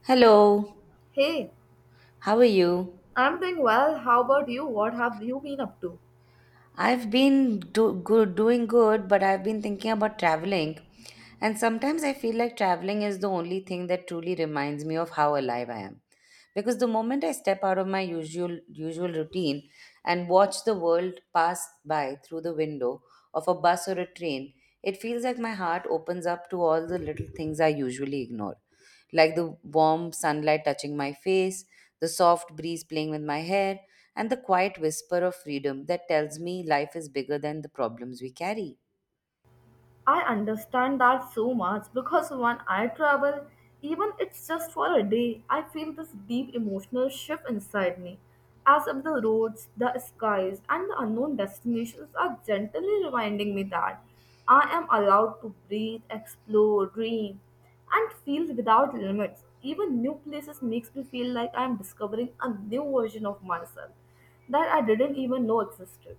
Hello, Hey, how are you? I'm doing well. How about you? What have you been up to? I've been doing good, but I've been thinking about traveling. And sometimes I feel like traveling is the only thing that truly reminds me of how alive I am. Because the moment I step out of my usual routine and watch the world pass by through the window of a bus or a train, it feels like my heart opens up to all the little things I usually ignore. Like the warm sunlight touching my face, the soft breeze playing with my hair, and the quiet whisper of freedom that tells me life is bigger than the problems we carry. I understand that so much because when I travel, even it's just for a day, I feel this deep emotional shift inside me, as if the roads, the skies, and the unknown destinations are gently reminding me that I am allowed to breathe, explore, dream, and feel without limits. Even new places makes me feel like I am discovering a new version of myself that I didn't even know existed.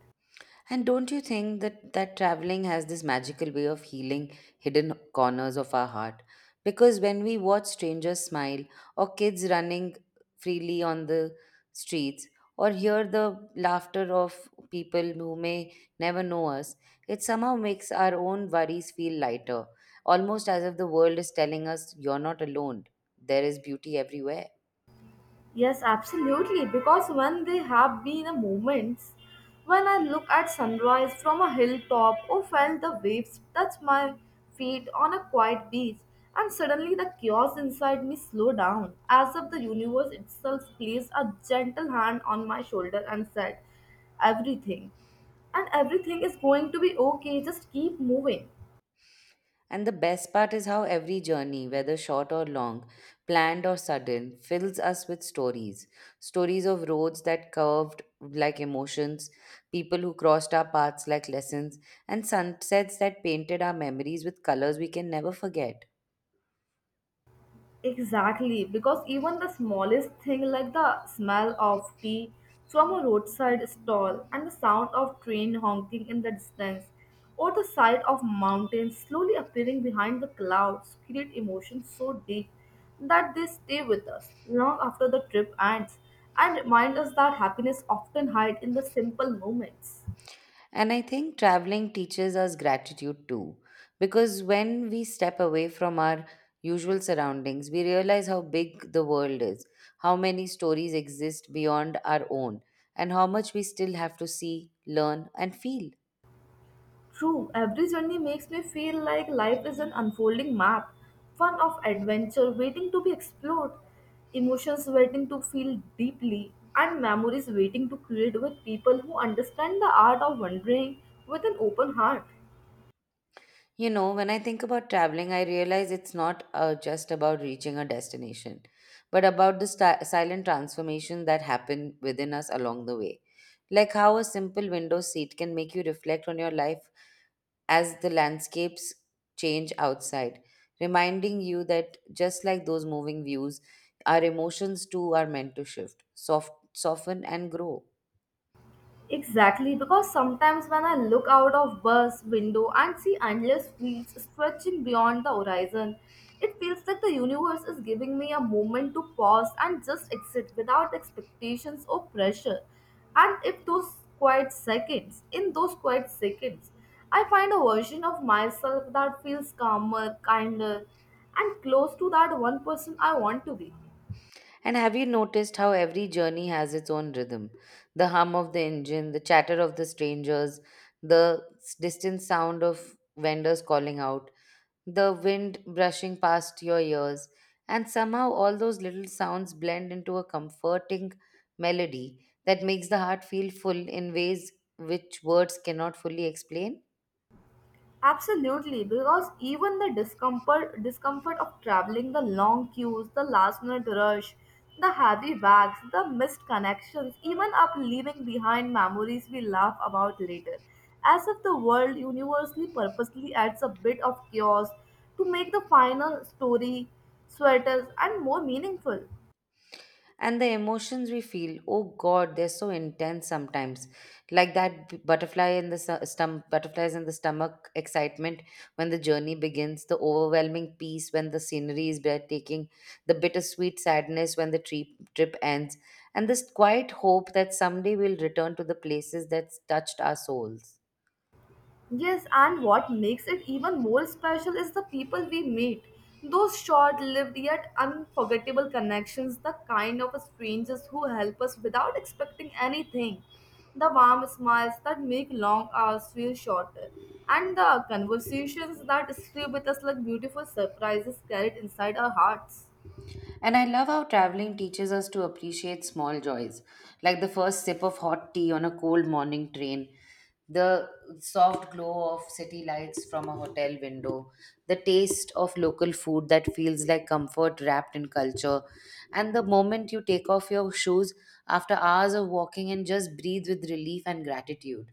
And don't you think that traveling has this magical way of healing hidden corners of our heart? Because when we watch strangers smile, or kids running freely on the streets, or hear the laughter of people who may never know us, it somehow makes our own worries feel lighter, almost as if the world is telling us, "You're not alone, there is beauty everywhere." Yes, absolutely. Because when they have been a moments when I look at sunrise from a hilltop or felt the waves touch my feet on a quiet beach, and suddenly the chaos inside me slow down, as if the universe itself placed a gentle hand on my shoulder and said, "Everything and everything is going to be okay, just keep moving." And the best part is how every journey, whether short or long, planned or sudden, fills us with stories. Stories of roads that curved like emotions, people who crossed our paths like lessons, and sunsets that painted our memories with colors we can never forget. Exactly, because even the smallest thing like the smell of tea from a roadside stall and the sound of train honking in the distance or the sight of mountains slowly appearing behind the clouds create emotions so deep that they stay with us long after the trip ends and remind us that happiness often hides in the simple moments. And I think traveling teaches us gratitude too, because when we step away from our usual surroundings, we realize how big the world is, how many stories exist beyond our own, and how much we still have to see, learn, and feel. True, every journey makes me feel like life is an unfolding map, one of adventure waiting to be explored, emotions waiting to feel deeply, and memories waiting to create with people who understand the art of wandering with an open heart. You know, when I think about traveling, I realize it's not just about reaching a destination, but about the silent transformation that happen within us along the way. Like how a simple window seat can make you reflect on your life as the landscapes change outside, reminding you that just like those moving views, our emotions too are meant to shift, soften, and grow. Exactly, because sometimes when I look out of bus window and see endless fields stretching beyond the horizon, it feels like the universe is giving me a moment to pause and just exit without expectations or pressure. And if those quiet seconds, in those quiet seconds, I find a version of myself that feels calmer, kinder, and close to that one person I want to be. And have you noticed how every journey has its own rhythm? The hum of the engine, the chatter of the strangers, the distant sound of vendors calling out, the wind brushing past your ears, and somehow all those little sounds blend into a comforting melody that makes the heart feel full in ways which words cannot fully explain. Absolutely, because even the discomfort of traveling, the long queues, the last minute rush, the heavy bags, the missed connections, even up leaving behind memories we laugh about later. As if the world universally purposely adds a bit of chaos to make the final story, sweaters, and more meaningful. And the emotions we feel, oh god, they're so intense sometimes, like that b- butterfly in the su- stom- butterflies in the stomach excitement when the journey begins, the overwhelming peace when the scenery is breathtaking, the bittersweet sadness when the trip ends, and this quiet hope that someday we'll return to the places that touched our souls. Yes, and what makes it even more special is the people we meet. Those short lived yet unforgettable connections, the kind of strangers who help us without expecting anything, the warm smiles that make long hours feel shorter, and the conversations that stay with us like beautiful surprises carried inside our hearts. And I love how traveling teaches us to appreciate small joys, like the first sip of hot tea on a cold morning train, the soft glow of city lights from a hotel window, the taste of local food that feels like comfort wrapped in culture, and the moment you take off your shoes after hours of walking and just breathe with relief and gratitude.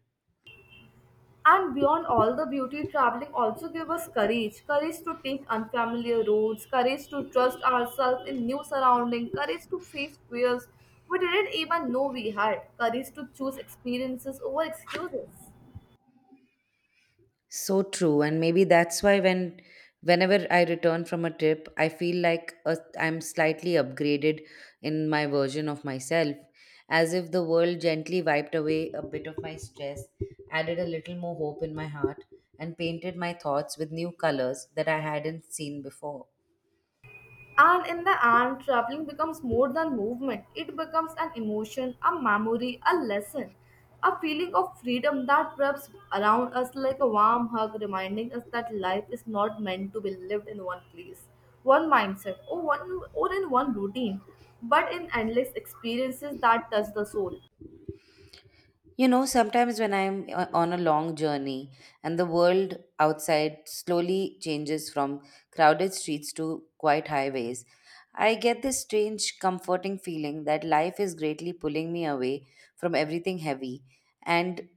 And beyond all the beauty, traveling also gave us courage to take unfamiliar roads, courage to trust ourselves in new surroundings, courage to face fears we didn't even know we had, courage to choose experiences over excuses. So true, and maybe that's why whenever I return from a trip, I feel like I'm slightly upgraded in my version of myself, as if the world gently wiped away a bit of my stress, added a little more hope in my heart, and painted my thoughts with new colors that I hadn't seen before. And in the end, traveling becomes more than movement. It becomes an emotion, a memory, a lesson, a feeling of freedom that wraps around us like a warm hug, reminding us that life is not meant to be lived in one place, one mindset, or one or in one routine, but in endless experiences that touch the soul. You know, sometimes when I'm on a long journey and the world outside slowly changes from crowded streets to quiet highways, I get this strange, comforting feeling that life is greatly pulling me away from everything heavy and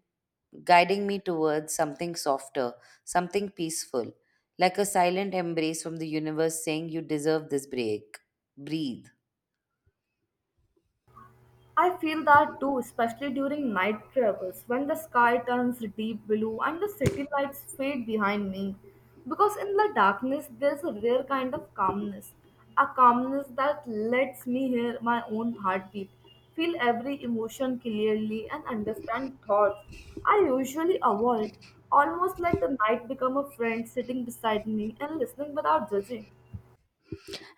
guiding me towards something softer, something peaceful, like a silent embrace from the universe saying, "You deserve this break. Breathe." I feel that too, especially during night travels when the sky turns deep blue and the city lights fade behind me. Because in the darkness, there's a rare kind of calmness, a calmness that lets me hear my own heartbeat, feel every emotion clearly, and understand thoughts I usually avoid. Almost like the night become a friend sitting beside me and listening without judging.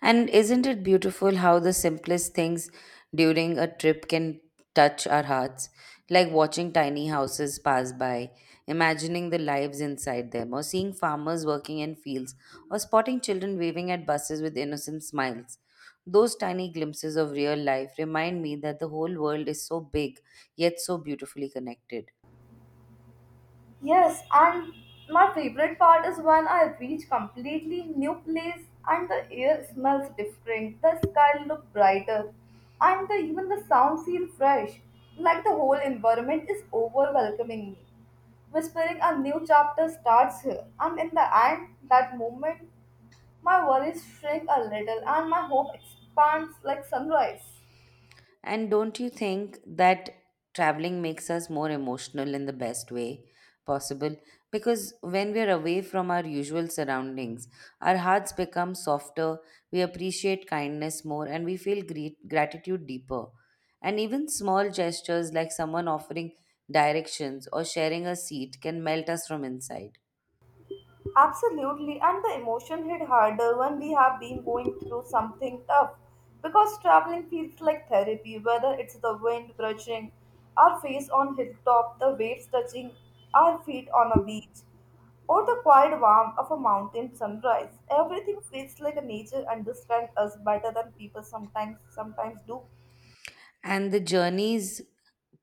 And isn't it beautiful how the simplest things during a trip can touch our hearts? Like watching tiny houses pass by, imagining the lives inside them, or seeing farmers working in fields, or spotting children waving at buses with innocent smiles. Those tiny glimpses of real life remind me that the whole world is so big, yet so beautifully connected. Yes, and my favorite part is when I reach completely new place and the air smells different, the sky look brighter, and the, even the sound feel fresh, like the whole environment is overwhelming me. Whispering a new chapter starts here, and in the end, that moment, my worries shrink a little and my hope expands like sunrise. And don't you think that traveling makes us more emotional in the best way possible? Because when we are away from our usual surroundings, our hearts become softer, we appreciate kindness more, and we feel gratitude deeper. And even small gestures like someone offering directions or sharing a seat can melt us from inside. Absolutely, and the emotion hit harder when we have been going through something tough because traveling feels like therapy, whether it's the wind brushing our face on hilltop, the waves touching our feet on a beach, or the quiet warmth of a mountain sunrise. Everything feels like a nature understands us better than people sometimes do. And the journeys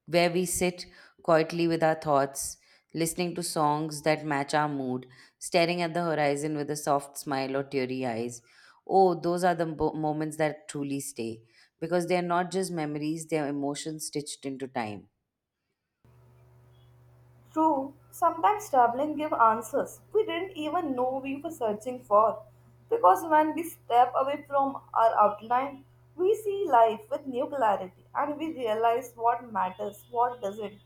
where we sit quietly with our thoughts, listening to songs that match our mood, staring at the horizon with a soft smile or teary eyes. Oh, those are the moments that truly stay because they are not just memories, they are emotions stitched into time. True, sometimes traveling give answers we didn't even know we were searching for. Because when we step away from our outline, we see life with new clarity and we realize what matters, what doesn't,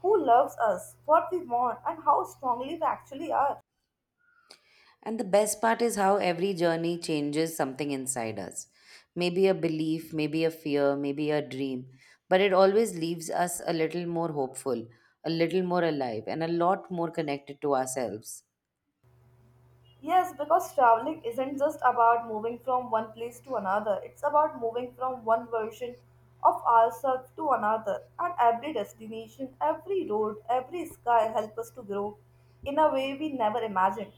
who loves us, what we want, and how strongly we actually are. And the best part is how every journey changes something inside us. Maybe a belief, maybe a fear, maybe a dream. But it always leaves us a little more hopeful, a little more alive, and a lot more connected to ourselves. Yes, because traveling isn't just about moving from one place to another, it's about moving from one version of ourselves to another. And every destination, every road, every sky help us to grow in a way we never imagined.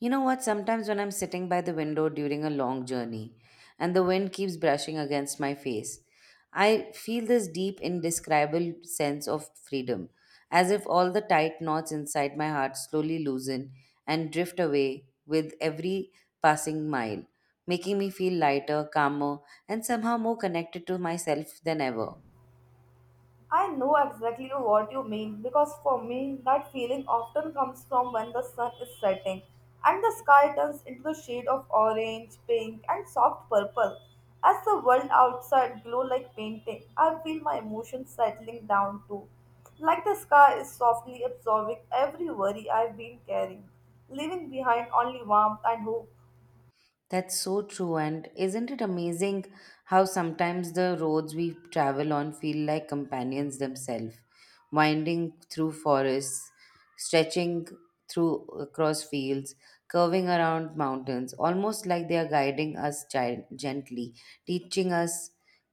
You know what? Sometimes when I'm sitting by the window during a long journey and the wind keeps brushing against my face, I feel this deep, indescribable sense of freedom, as if all the tight knots inside my heart slowly loosen and drift away with every passing mile, making me feel lighter, calmer, and somehow more connected to myself than ever. I know exactly what you mean because for me, that feeling often comes from when the sun is setting and the sky turns into the shade of orange, pink, and soft purple. As the world outside glow like painting, I feel my emotions settling down too. Like the sky is softly absorbing every worry I've been carrying, leaving behind only warmth and hope. That's so true. And isn't it amazing how sometimes the roads we travel on feel like companions themselves, winding through forests, stretching through across fields, curving around mountains, almost like they are guiding us gently, teaching us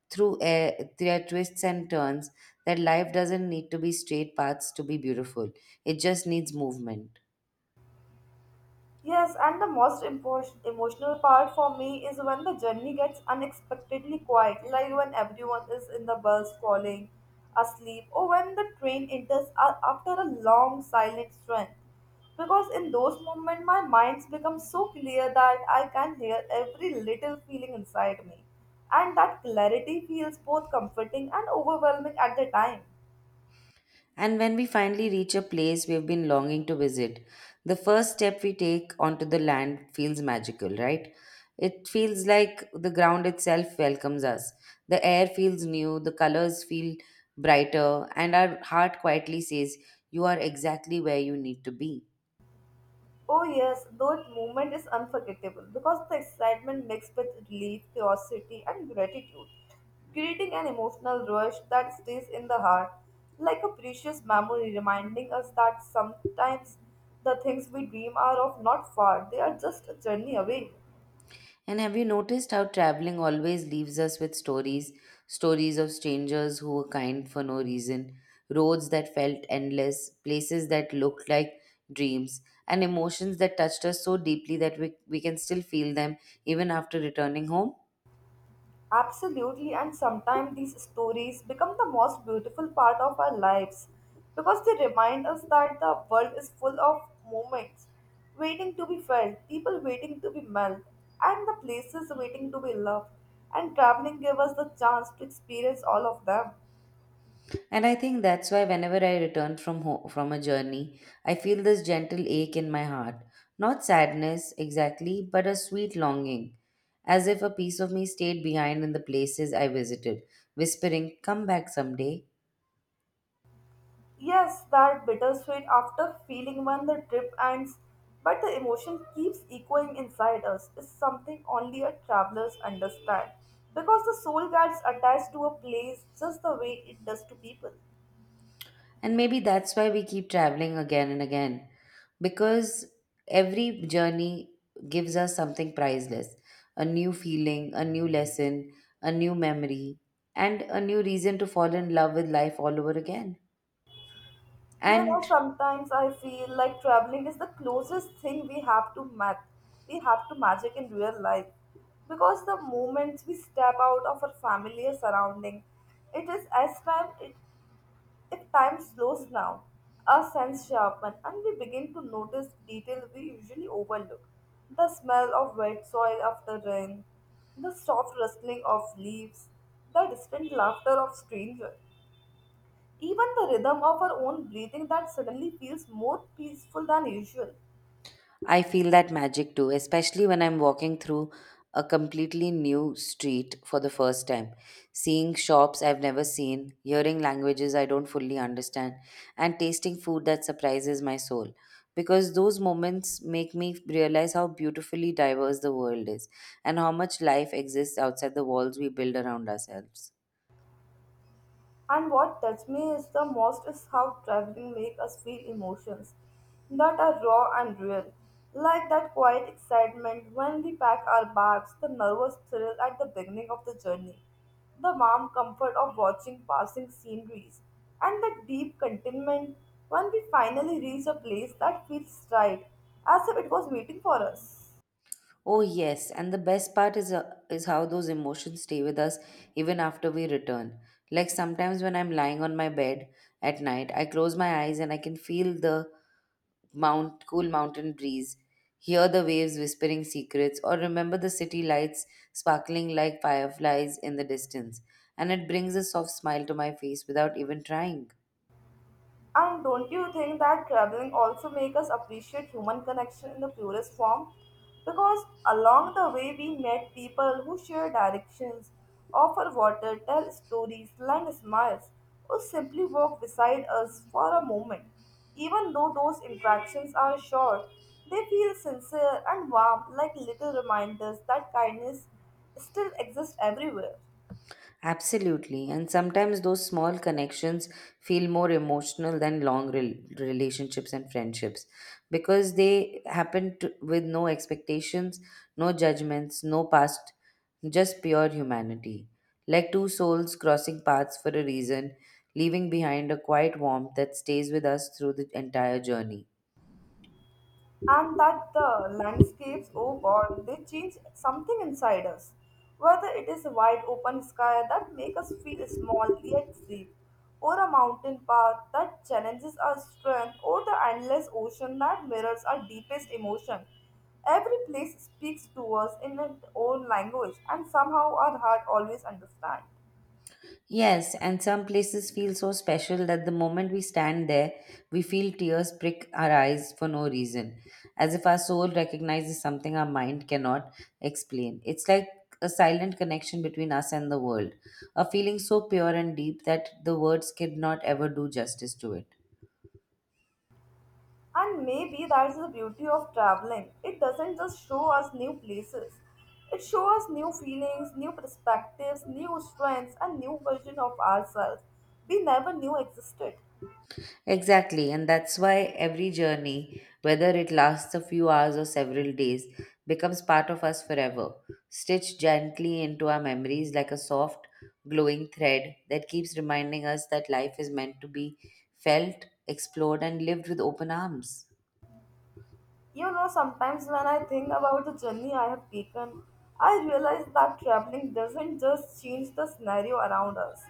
through air, their twists and turns that life doesn't need to be straight paths to be beautiful. It just needs movement. Yes, and the most emotional part for me is when the journey gets unexpectedly quiet, like when everyone is in the bus falling asleep, or when the train enters after a long silent strength. Because in those moments, my minds becomes so clear that I can hear every little feeling inside me, and that clarity feels both comforting and overwhelming at the time. And when we finally reach a place we've been longing to visit, the first step we take onto the land feels magical, right? It feels like the ground itself welcomes us. The air feels new, the colors feel brighter, and our heart quietly says, "You are exactly where you need to be." Oh yes, that moment is unforgettable because the excitement mixed with relief, curiosity, and gratitude, creating an emotional rush that stays in the heart, like a precious memory reminding us that sometimes the things we dream are of not far, they are just a journey away. And have you noticed how traveling always leaves us with stories? Stories of strangers who were kind for no reason, roads that felt endless, places that looked like dreams, and emotions that touched us so deeply that we can still feel them even after returning home. Absolutely, and sometimes these stories become the most beautiful part of our lives because they remind us that the world is full of moments waiting to be felt, people waiting to be met, and the places waiting to be loved. And traveling gave us the chance to experience all of them. And I think that's why whenever I return from from a journey, I feel this gentle ache in my heart. Not sadness exactly, but a sweet longing, as if a piece of me stayed behind in the places I visited, whispering, "Come back someday." Yes, that bittersweet after feeling when the trip ends, but the emotion keeps echoing inside us is something only a travelers understand because the soul gets attached to a place just the way it does to people. And maybe that's why we keep traveling again and again, because every journey gives us something priceless, a new feeling, a new lesson, a new memory, and a new reason to fall in love with life all over again. You know, And sometimes I feel like traveling is the closest thing we have to magic in real life because the moment we step out of our familiar surrounding. It is as time it If time slows down, our sense sharpen and we begin to notice detail we usually overlook. The smell of wet soil after rain, the soft rustling of leaves, the distant laughter of strangers, even the rhythm of our own breathing that suddenly feels more peaceful than usual. I feel that magic too, especially when I'm walking through a completely new street for the first time, seeing shops I've never seen, hearing languages I don't fully understand, and tasting food that surprises my soul. Because those moments make me realize how beautifully diverse the world is and how much life exists outside the walls we build around ourselves. And what touched me is the most is how traveling makes us feel emotions that are raw and real. Like that quiet excitement when we pack our bags, the nervous thrill at the beginning of the journey, the warm comfort of watching passing sceneries, and the deep contentment when we finally reach a place that feels right, as if it was waiting for us. Oh yes, and the best part is how those emotions stay with us even after we return. Like sometimes when I'm lying on my bed at night, I close my eyes and I can feel the mount cool mountain breeze, hear the waves whispering secrets, or remember the city lights sparkling like fireflies in the distance, and it brings a soft smile to my face without even trying. And don't you think that traveling also make us appreciate human connection in the purest form? Because along the way we met people who share directions, offer water, tell stories, lend smiles, or simply walk beside us for a moment. Even though those interactions are short, they feel sincere and warm like little reminders that kindness still exists everywhere. Absolutely. And sometimes those small connections feel more emotional than long relationships and friendships because they happen with no expectations, no judgments, no past, just pure humanity. Like two souls crossing paths for a reason, leaving behind a quiet warmth that stays with us through the entire journey. And that the landscapes, oh god, they change something inside us, whether it is a wide open sky that makes us feel small yet safe, or a mountain path that challenges our strength, or the endless ocean that mirrors our deepest emotion. Every place speaks to us in its own language, and somehow our heart always understands. Yes, and some places feel so special that the moment we stand there, we feel tears prick our eyes for no reason, as if our soul recognizes something our mind cannot explain. It's like a silent connection between us and the world, a feeling so pure and deep that the words cannot ever do justice to it. And maybe that's the beauty of traveling. It doesn't just show us new places. It shows us new feelings, new perspectives, new strengths, and new version of ourselves we never knew existed. Exactly, and that's why every journey, whether it lasts a few hours or several days, becomes part of us forever, stitched gently into our memories like a soft, glowing thread that keeps reminding us that life is meant to be felt, explored, and lived with open arms. You know, sometimes when I think about the journey I have taken, I realize that traveling doesn't just change the scenario around us,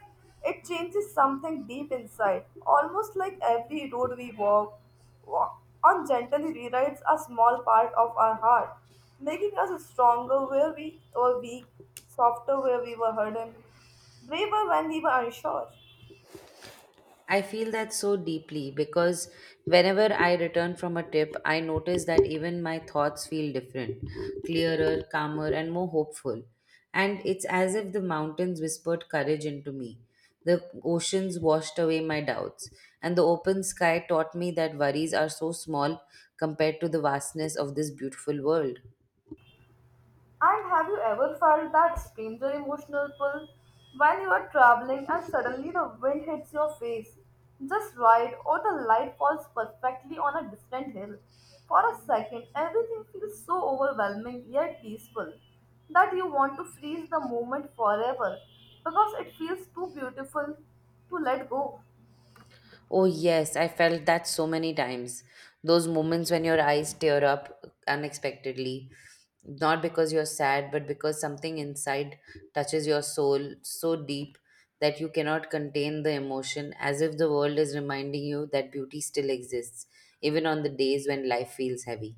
it changes something deep inside, almost like every road we walk on gently rewrites a small part of our heart, making us stronger where we were weak, softer where we were hardened, braver when we were unsure. I feel that so deeply because whenever I return from a trip, I notice that even my thoughts feel different, clearer, calmer, and more hopeful. And it's as if the mountains whispered courage into me. The oceans washed away my doubts, and the open sky taught me that worries are so small compared to the vastness of this beautiful world. And have you ever felt that stranger emotional pull when you are traveling and suddenly the wind hits your face just right or the light falls perfectly on a distant hill? For a second, everything feels so overwhelming yet peaceful that you want to freeze the moment forever because it feels too beautiful to let go. Oh, yes, I felt that so many times. Those moments when your eyes tear up unexpectedly, not because you're sad, but because something inside touches your soul so deep that you cannot contain the emotion, as if the world is reminding you that beauty still exists, even on the days when life feels heavy.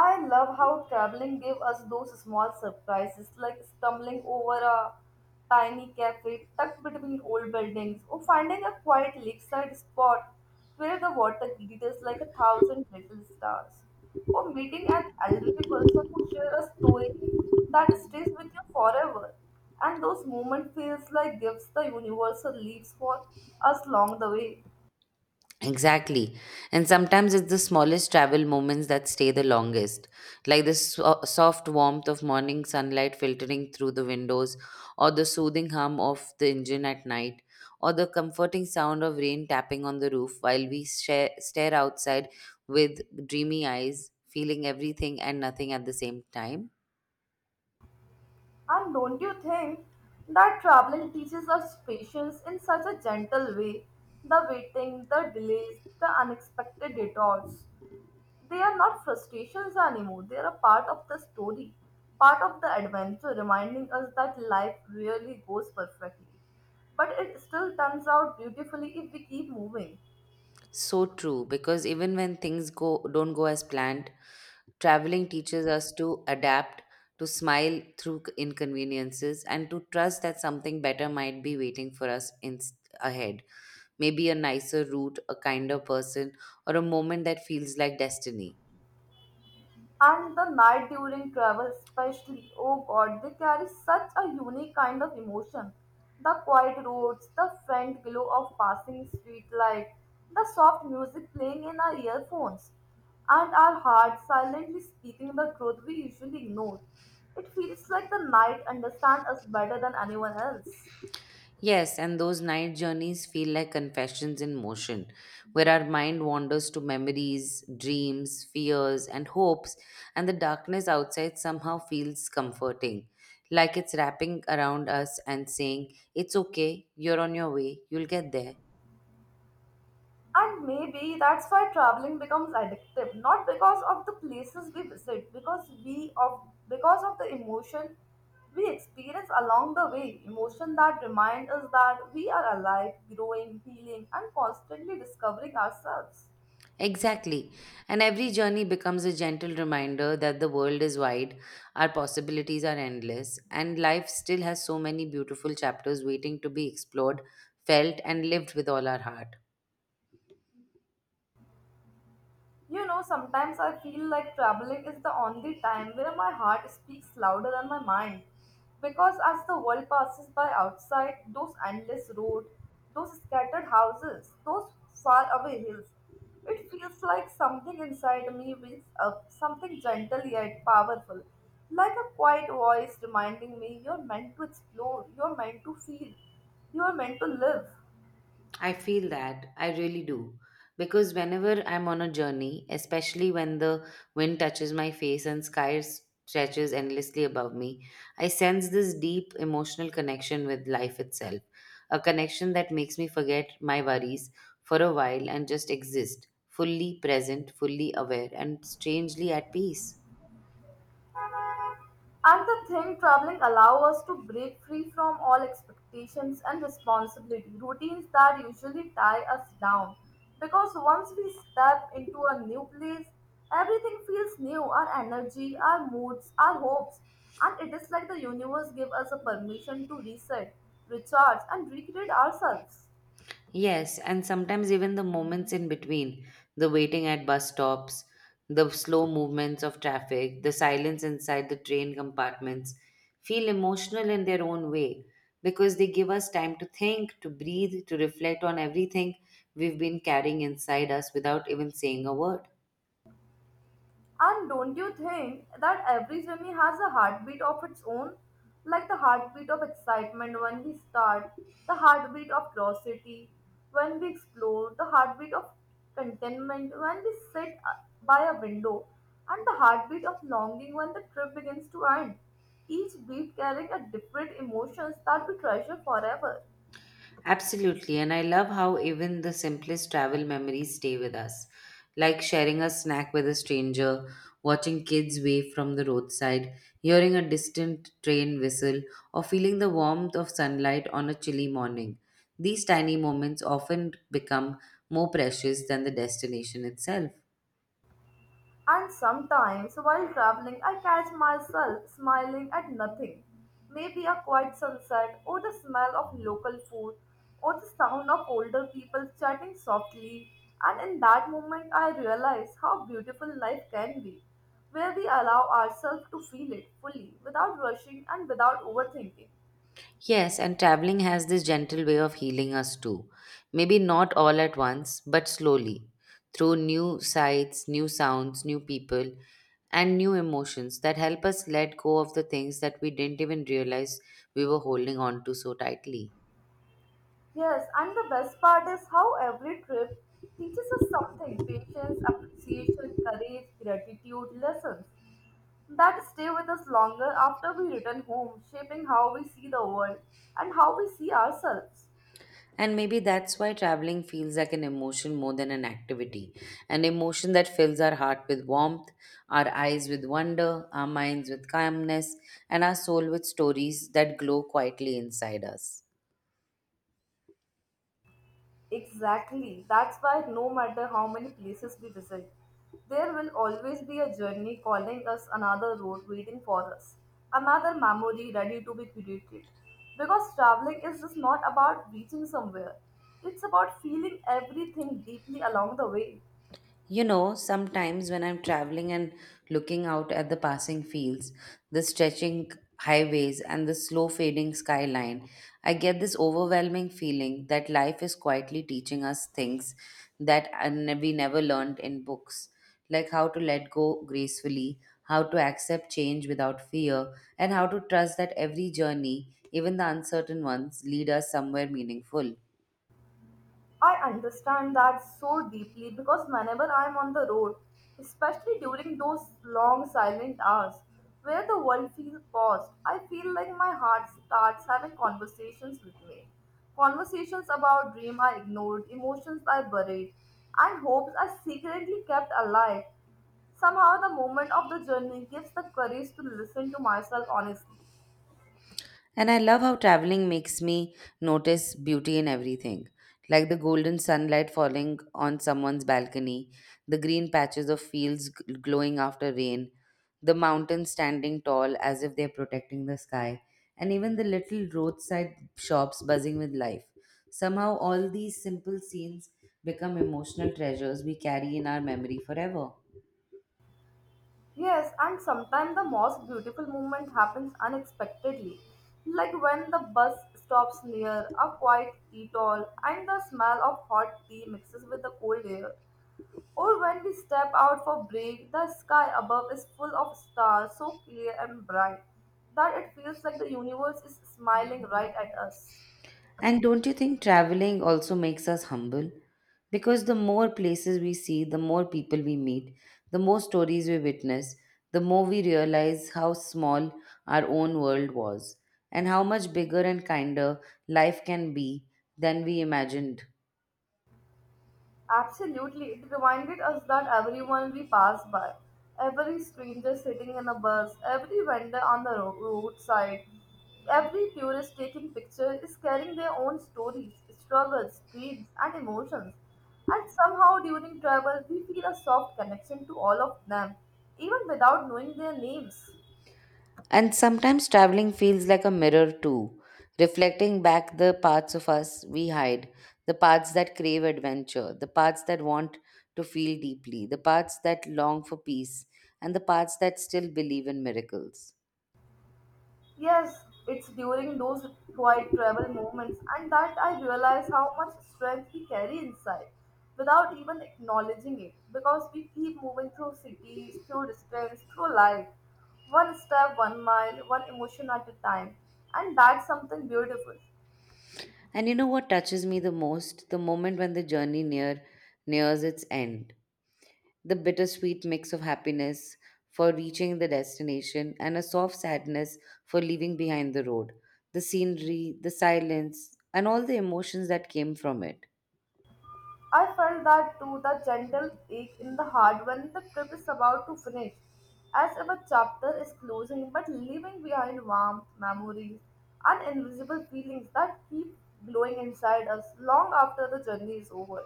I love how traveling gave us those small surprises, like stumbling over a tiny cafe tucked between old buildings, or finding a quiet lakeside spot where the water glitters like a thousand little stars, or meeting an elderly person who shares a story that stays with you forever. And those moments feels like gifts the universe leaves for us along the way. Exactly. And sometimes it's the smallest travel moments that stay the longest, like the soft warmth of morning sunlight filtering through the windows, or the soothing hum of the engine at night, or the comforting sound of rain tapping on the roof while we stare outside with dreamy eyes, feeling everything and nothing at the same time. And don't you think that traveling teaches us patience in such a gentle way? The waiting, the delays, the unexpected detours. They are not frustrations anymore, they are a part of the story, part of the adventure, reminding us that life really goes perfectly. But it still turns out beautifully if we keep moving. So true, because even when things go don't go as planned, traveling teaches us to adapt, to smile through inconveniences, and to trust that something better might be waiting for us in ahead. Maybe a nicer route, a kinder person, or a moment that feels like destiny. And the night during travel, especially, oh god, they carry such a unique kind of emotion. The quiet roads, the faint glow of passing street light, the soft music playing in our earphones, and our hearts silently speaking the truth we usually ignore. It feels like the night understands us better than anyone else. Yes, and those night journeys feel like confessions in motion, where our mind wanders to memories, dreams, fears, and hopes, and the darkness outside somehow feels comforting, like it's wrapping around us and saying, It's okay, you're on your way, you'll get there. And maybe that's why traveling becomes addictive, not because of the places we visit, because of the emotion we experience along the way, emotion that remind us that we are alive, growing, healing, and constantly discovering ourselves. Exactly. And every journey becomes a gentle reminder that the world is wide, our possibilities are endless, and life still has so many beautiful chapters waiting to be explored, felt, and lived with all our heart. You know, sometimes I feel like traveling is the only time where my heart speaks louder than my mind. Because as the world passes by outside, those endless roads, those scattered houses, those far away hills, it feels like something inside me wakes up, something gentle yet powerful, like a quiet voice reminding me you're meant to explore, you're meant to feel, you're meant to live. I feel that. I really do. Because whenever I'm on a journey, especially when the wind touches my face and sky stretches endlessly above me, I sense this deep emotional connection with life itself. A connection that makes me forget my worries for a while and just exist, fully present, fully aware, and strangely at peace. And the thing traveling allows us to break free from all expectations and responsibility, routines that usually tie us down. Because once we step into a new place, everything feels new, our energy, our moods, our hopes, and it is like the universe gives us a permission to reset, recharge, and recreate ourselves. Yes, and sometimes even the moments in between, the waiting at bus stops, the slow movements of traffic, the silence inside the train compartments, feel emotional in their own way because they give us time to think, to breathe, to reflect on everything we've been carrying inside us without even saying a word. And don't you think that every swimming has a heartbeat of its own? Like the heartbeat of excitement when we start, the heartbeat of curiosity when we explore, the heartbeat of contentment when we sit by a window, and the heartbeat of longing when the trip begins to end. Each beat carrying a different emotions that we treasure forever. Absolutely, and I love how even the simplest travel memories stay with us, like sharing a snack with a stranger, watching kids wave from the roadside, hearing a distant train whistle, or feeling the warmth of sunlight on a chilly morning. These tiny moments often become more precious than the destination itself. And sometimes, while traveling, I catch myself smiling at nothing. Maybe a quiet sunset, or the smell of local food, or the sound of older people chatting softly. And in that moment, I realize how beautiful life can be, where we allow ourselves to feel it fully, without rushing and without overthinking. Yes, and traveling has this gentle way of healing us too. Maybe not all at once, but slowly, through new sights, new sounds, new people, and new emotions that help us let go of the things that we didn't even realize we were holding on to so tightly. Yes, and the best part is how every trip teaches us something patience, appreciation, courage, gratitude, lessons that stay with us longer after we return home, shaping how we see the world and how we see ourselves. And maybe that's why traveling feels like an emotion more than an activity. An emotion that fills our heart with warmth, our eyes with wonder, our minds with calmness, and our soul with stories that glow quietly inside us. Exactly. That's why no matter how many places we visit, there will always be a journey calling us another road waiting for us, another memory ready to be created. Because traveling is just not about reaching somewhere, it's about feeling everything deeply along the way. You know, sometimes when I'm traveling and looking out at the passing fields, the stretching highways, and the slow fading skyline, I get this overwhelming feeling that life is quietly teaching us things that we never learned in books, like how to let go gracefully, how to accept change without fear, and how to trust that every journey, even the uncertain ones, lead us somewhere meaningful. I understand that so deeply because whenever I'm on the road, especially during those long silent hours where the world feels paused, I feel like my heart starts having conversations with me. Conversations about dreams I ignored, emotions I buried, and hopes I secretly kept alive. Somehow, the moment of the journey gives the courage to listen to myself honestly. And I love how traveling makes me notice beauty in everything, like the golden sunlight falling on someone's balcony, the green patches of fields glowing after rain, the mountains standing tall as if they're protecting the sky, and even the little roadside shops buzzing with life. Somehow, all these simple scenes become emotional treasures we carry in our memory forever. Yes, and sometimes the most beautiful moment happens unexpectedly, like when the bus stops near a quiet atoll and the smell of hot tea mixes with the cold air, or when we step out for break, the sky above is full of stars so clear and bright that it feels like the universe is smiling right at us. And don't you think traveling also makes us humble? Because the more places we see, the more people we meet, the more stories we witness, the more we realize how small our own world was and how much bigger and kinder life can be than we imagined. Absolutely, it reminded us that everyone we passed by, every stranger sitting in a bus, every vendor on the roadside, every tourist taking pictures is carrying their own stories, struggles, dreams, and emotions. And somehow during travel, we feel a soft connection to all of them, even without knowing their names. And sometimes traveling feels like a mirror too, reflecting back the parts of us we hide, the parts that crave adventure, the parts that want to feel deeply, the parts that long for peace, and the parts that still believe in miracles. Yes, it's during those quiet travel moments and that I realize how much strength we carry inside without even acknowledging it because we keep moving through cities, through distance, through life, one step, 1 mile, one emotion at a time, and that's something beautiful. And you know what touches me the most? The moment when the journey near nears its end, the bittersweet mix of happiness for reaching the destination and a soft sadness for leaving behind the road, the scenery, the silence, and all the emotions that came from it. I felt that too, the gentle ache in the heart when the trip is about to finish, as if a chapter is closing but leaving behind warmth, memories, and invisible feelings that keep glowing inside us long after the journey is over.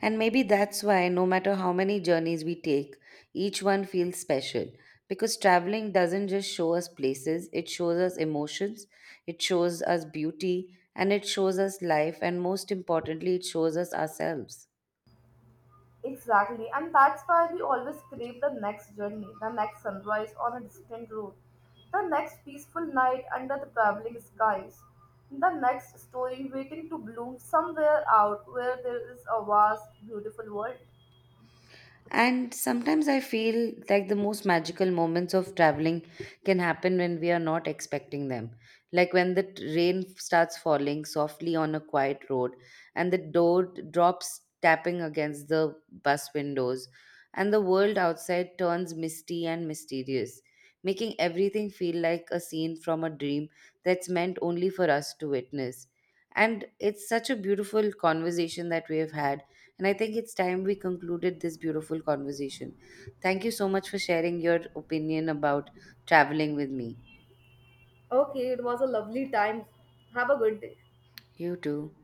And maybe that's why, no matter how many journeys we take, each one feels special. Because traveling doesn't just show us places, it shows us emotions, it shows us beauty, and it shows us life, and most importantly, it shows us ourselves. Exactly, and that's why we always crave the next journey, the next sunrise on a distant road, the next peaceful night under the traveling skies, the next story waiting to bloom somewhere out where there is a vast, beautiful world. And sometimes I feel like the most magical moments of traveling can happen when we are not expecting them. Like when the rain starts falling softly on a quiet road and the door drops tapping against the bus windows, and the world outside turns misty and mysterious, making everything feel like a scene from a dream that's meant only for us to witness. And it's such a beautiful conversation that we have had and I think it's time we concluded this beautiful conversation. Thank you so much for sharing your opinion about traveling with me. Okay, it was a lovely time. Have a good day. You too.